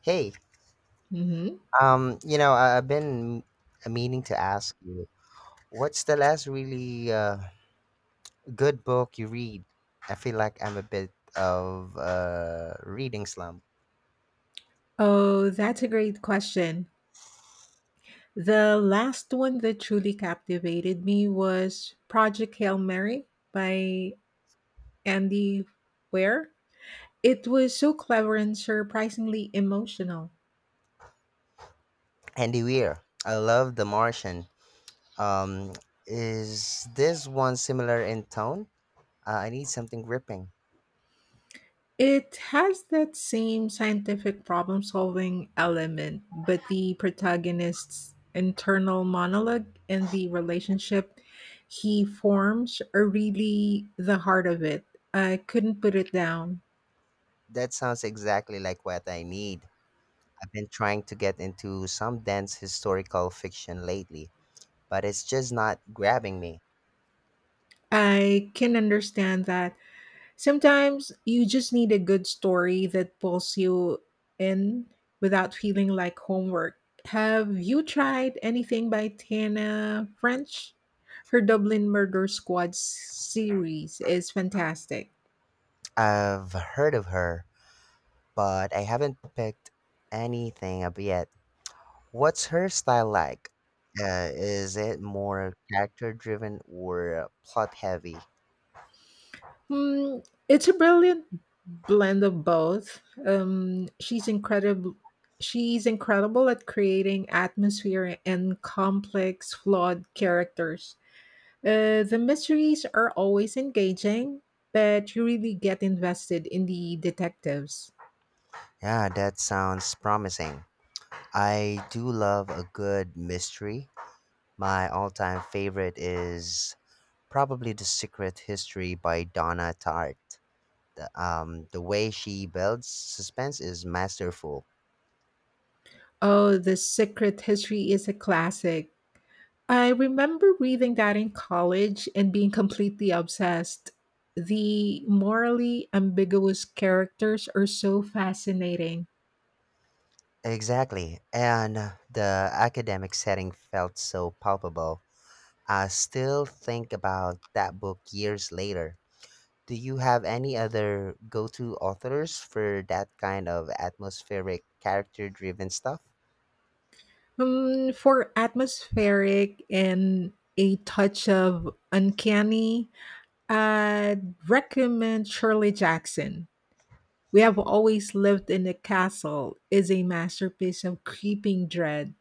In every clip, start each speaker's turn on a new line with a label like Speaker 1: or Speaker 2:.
Speaker 1: Hey,
Speaker 2: Hmm.
Speaker 1: I- I've been meaning to ask you, what's the last really good book you read? I feel like I'm a bit of a reading slump.
Speaker 2: Oh, that's a great question. The last one that truly captivated me was Project Hail Mary by Andy Weir. It was so clever and surprisingly emotional.
Speaker 1: Andy Weir, I love The Martian. Um, is this one similar in tone? I need something gripping.
Speaker 2: It has that same scientific problem solving element, but the protagonist's internal monologue and the relationship he forms are really the heart of it. I couldn't put it down.
Speaker 1: That sounds exactly like what I need. I've been trying to get into some dense historical fiction lately, but it's just not grabbing me.
Speaker 2: I can understand that. Sometimes you just need a good story that pulls you in without feeling like homework. Have you tried anything by Tana French? Her Dublin Murder Squad series is fantastic.
Speaker 1: I've heard of her but I haven't picked anything up yet. What's her style like? Is it more character driven or plot heavy?
Speaker 2: Hmm, it's a brilliant blend of both. Um, she's incredible. She's incredible at creating atmosphere and complex, flawed characters. The mysteries are always engaging, but you really get invested in the detectives.
Speaker 1: Yeah, that sounds promising. I do love a good mystery. My all time favorite is probably The Secret History by Donna Tartt. The way she builds suspense is masterful.
Speaker 2: Oh, The Secret History is a classic. I remember reading that in college and being completely obsessed. The morally ambiguous characters are so fascinating.
Speaker 1: Exactly. And the academic setting felt so palpable. I still think about that book years later. Do you have any other go to authors for that kind of atmospheric, character driven stuff?
Speaker 2: For atmospheric and a touch of uncanny, I'd recommend Shirley Jackson. We Have Always Lived in a Castle is a masterpiece of creeping dread.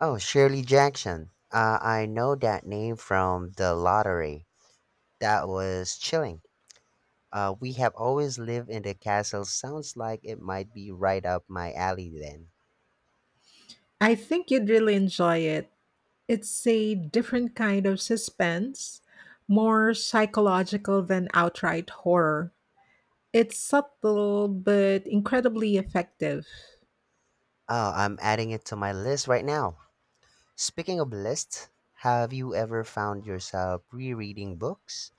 Speaker 1: Oh, Shirley Jackson. I know that name from the lottery. That was chilling. We have always lived in the castle. Sounds like it might be right up my alley then.
Speaker 2: I think you'd really enjoy it. It's a different kind of suspense, more psychological than outright horror. It's subtle but incredibly effective.
Speaker 1: Oh, I'm adding it to my list right now. Speaking of lists, have you ever found yourself rereading books?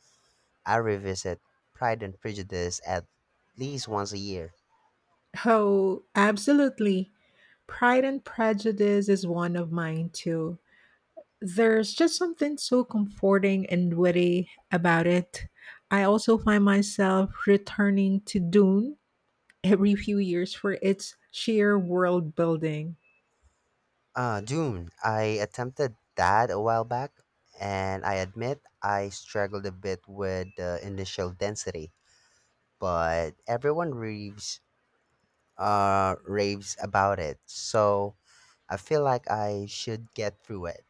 Speaker 1: I revisit Pride and Prejudice at least once a year.
Speaker 2: Oh, absolutely. Pride and Prejudice is one of mine too. There's just something so comforting and witty about it. I also find myself returning to Dune every few years for its sheer world building.
Speaker 1: Dune. I attempted that a while back, and I admit I struggled a bit with the initial density, but raves about it, so I feel like I should get through it.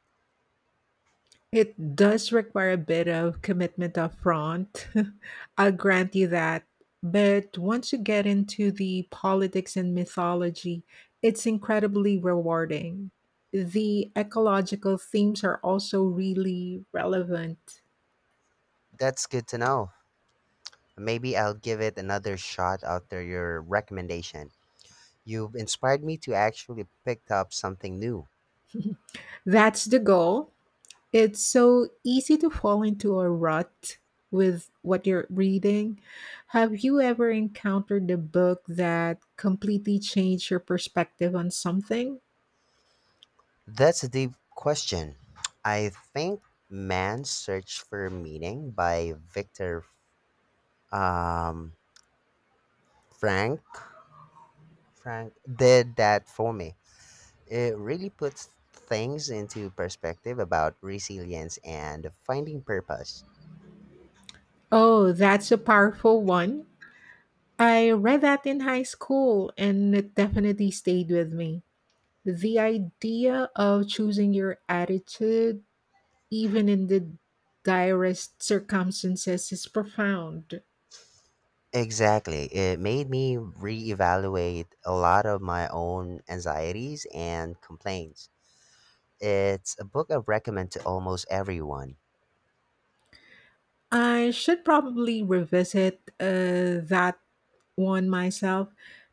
Speaker 2: It does require a bit of commitment up front. I'll grant you that. But once you get into the politics and mythology, it's incredibly rewarding. The ecological themes are also really relevant.
Speaker 1: That's good to know. Maybe I'll give it another shot after your recommendation. You've inspired me to actually pick up something new.
Speaker 2: That's the goal. It's so easy to fall into a rut with what you're reading. Have you ever encountered a book that completely changed your perspective on something?
Speaker 1: That's a deep question. I think Man's Search for Meaning by Victor um, Frank Frank did that for me. It really puts things into perspective about resilience and finding purpose.
Speaker 2: Oh, that's a powerful one. I read that in high school and it definitely stayed with me. The idea of choosing your attitude, even in the direst circumstances, is profound.
Speaker 1: Exactly. It made me reevaluate a lot of my own anxieties and complaints. It's a book I recommend to almost everyone.
Speaker 2: I should probably revisit that one myself.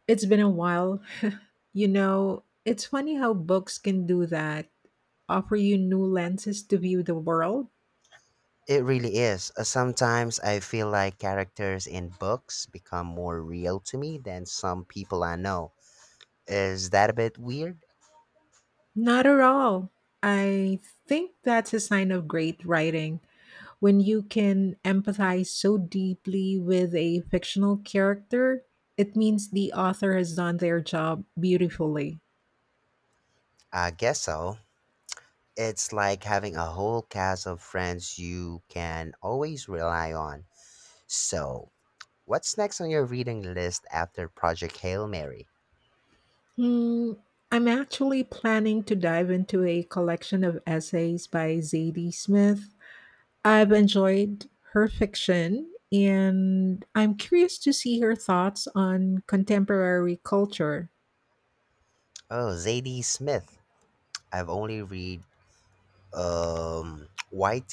Speaker 2: It's been a while. You know, it's funny how books can do that, offer you new lenses to view the world.
Speaker 1: It really is. Sometimes I feel like characters in books become more real to me than some people I know. Is that a bit weird?
Speaker 2: Not at all. I think that's a sign of great writing when you can empathize so deeply with a fictional character. It means the author has done their job beautifully.
Speaker 1: I guess so. It's like having a whole cast of friends you can always rely on. So, what's next on your reading list after Project Hail Mary?
Speaker 2: Hmm, I'm actually planning to dive into a collection of essays by Zadie Smith. I've enjoyed her fiction, and I'm curious to see her thoughts on contemporary culture.
Speaker 1: Oh, Zadie Smith. I've only read White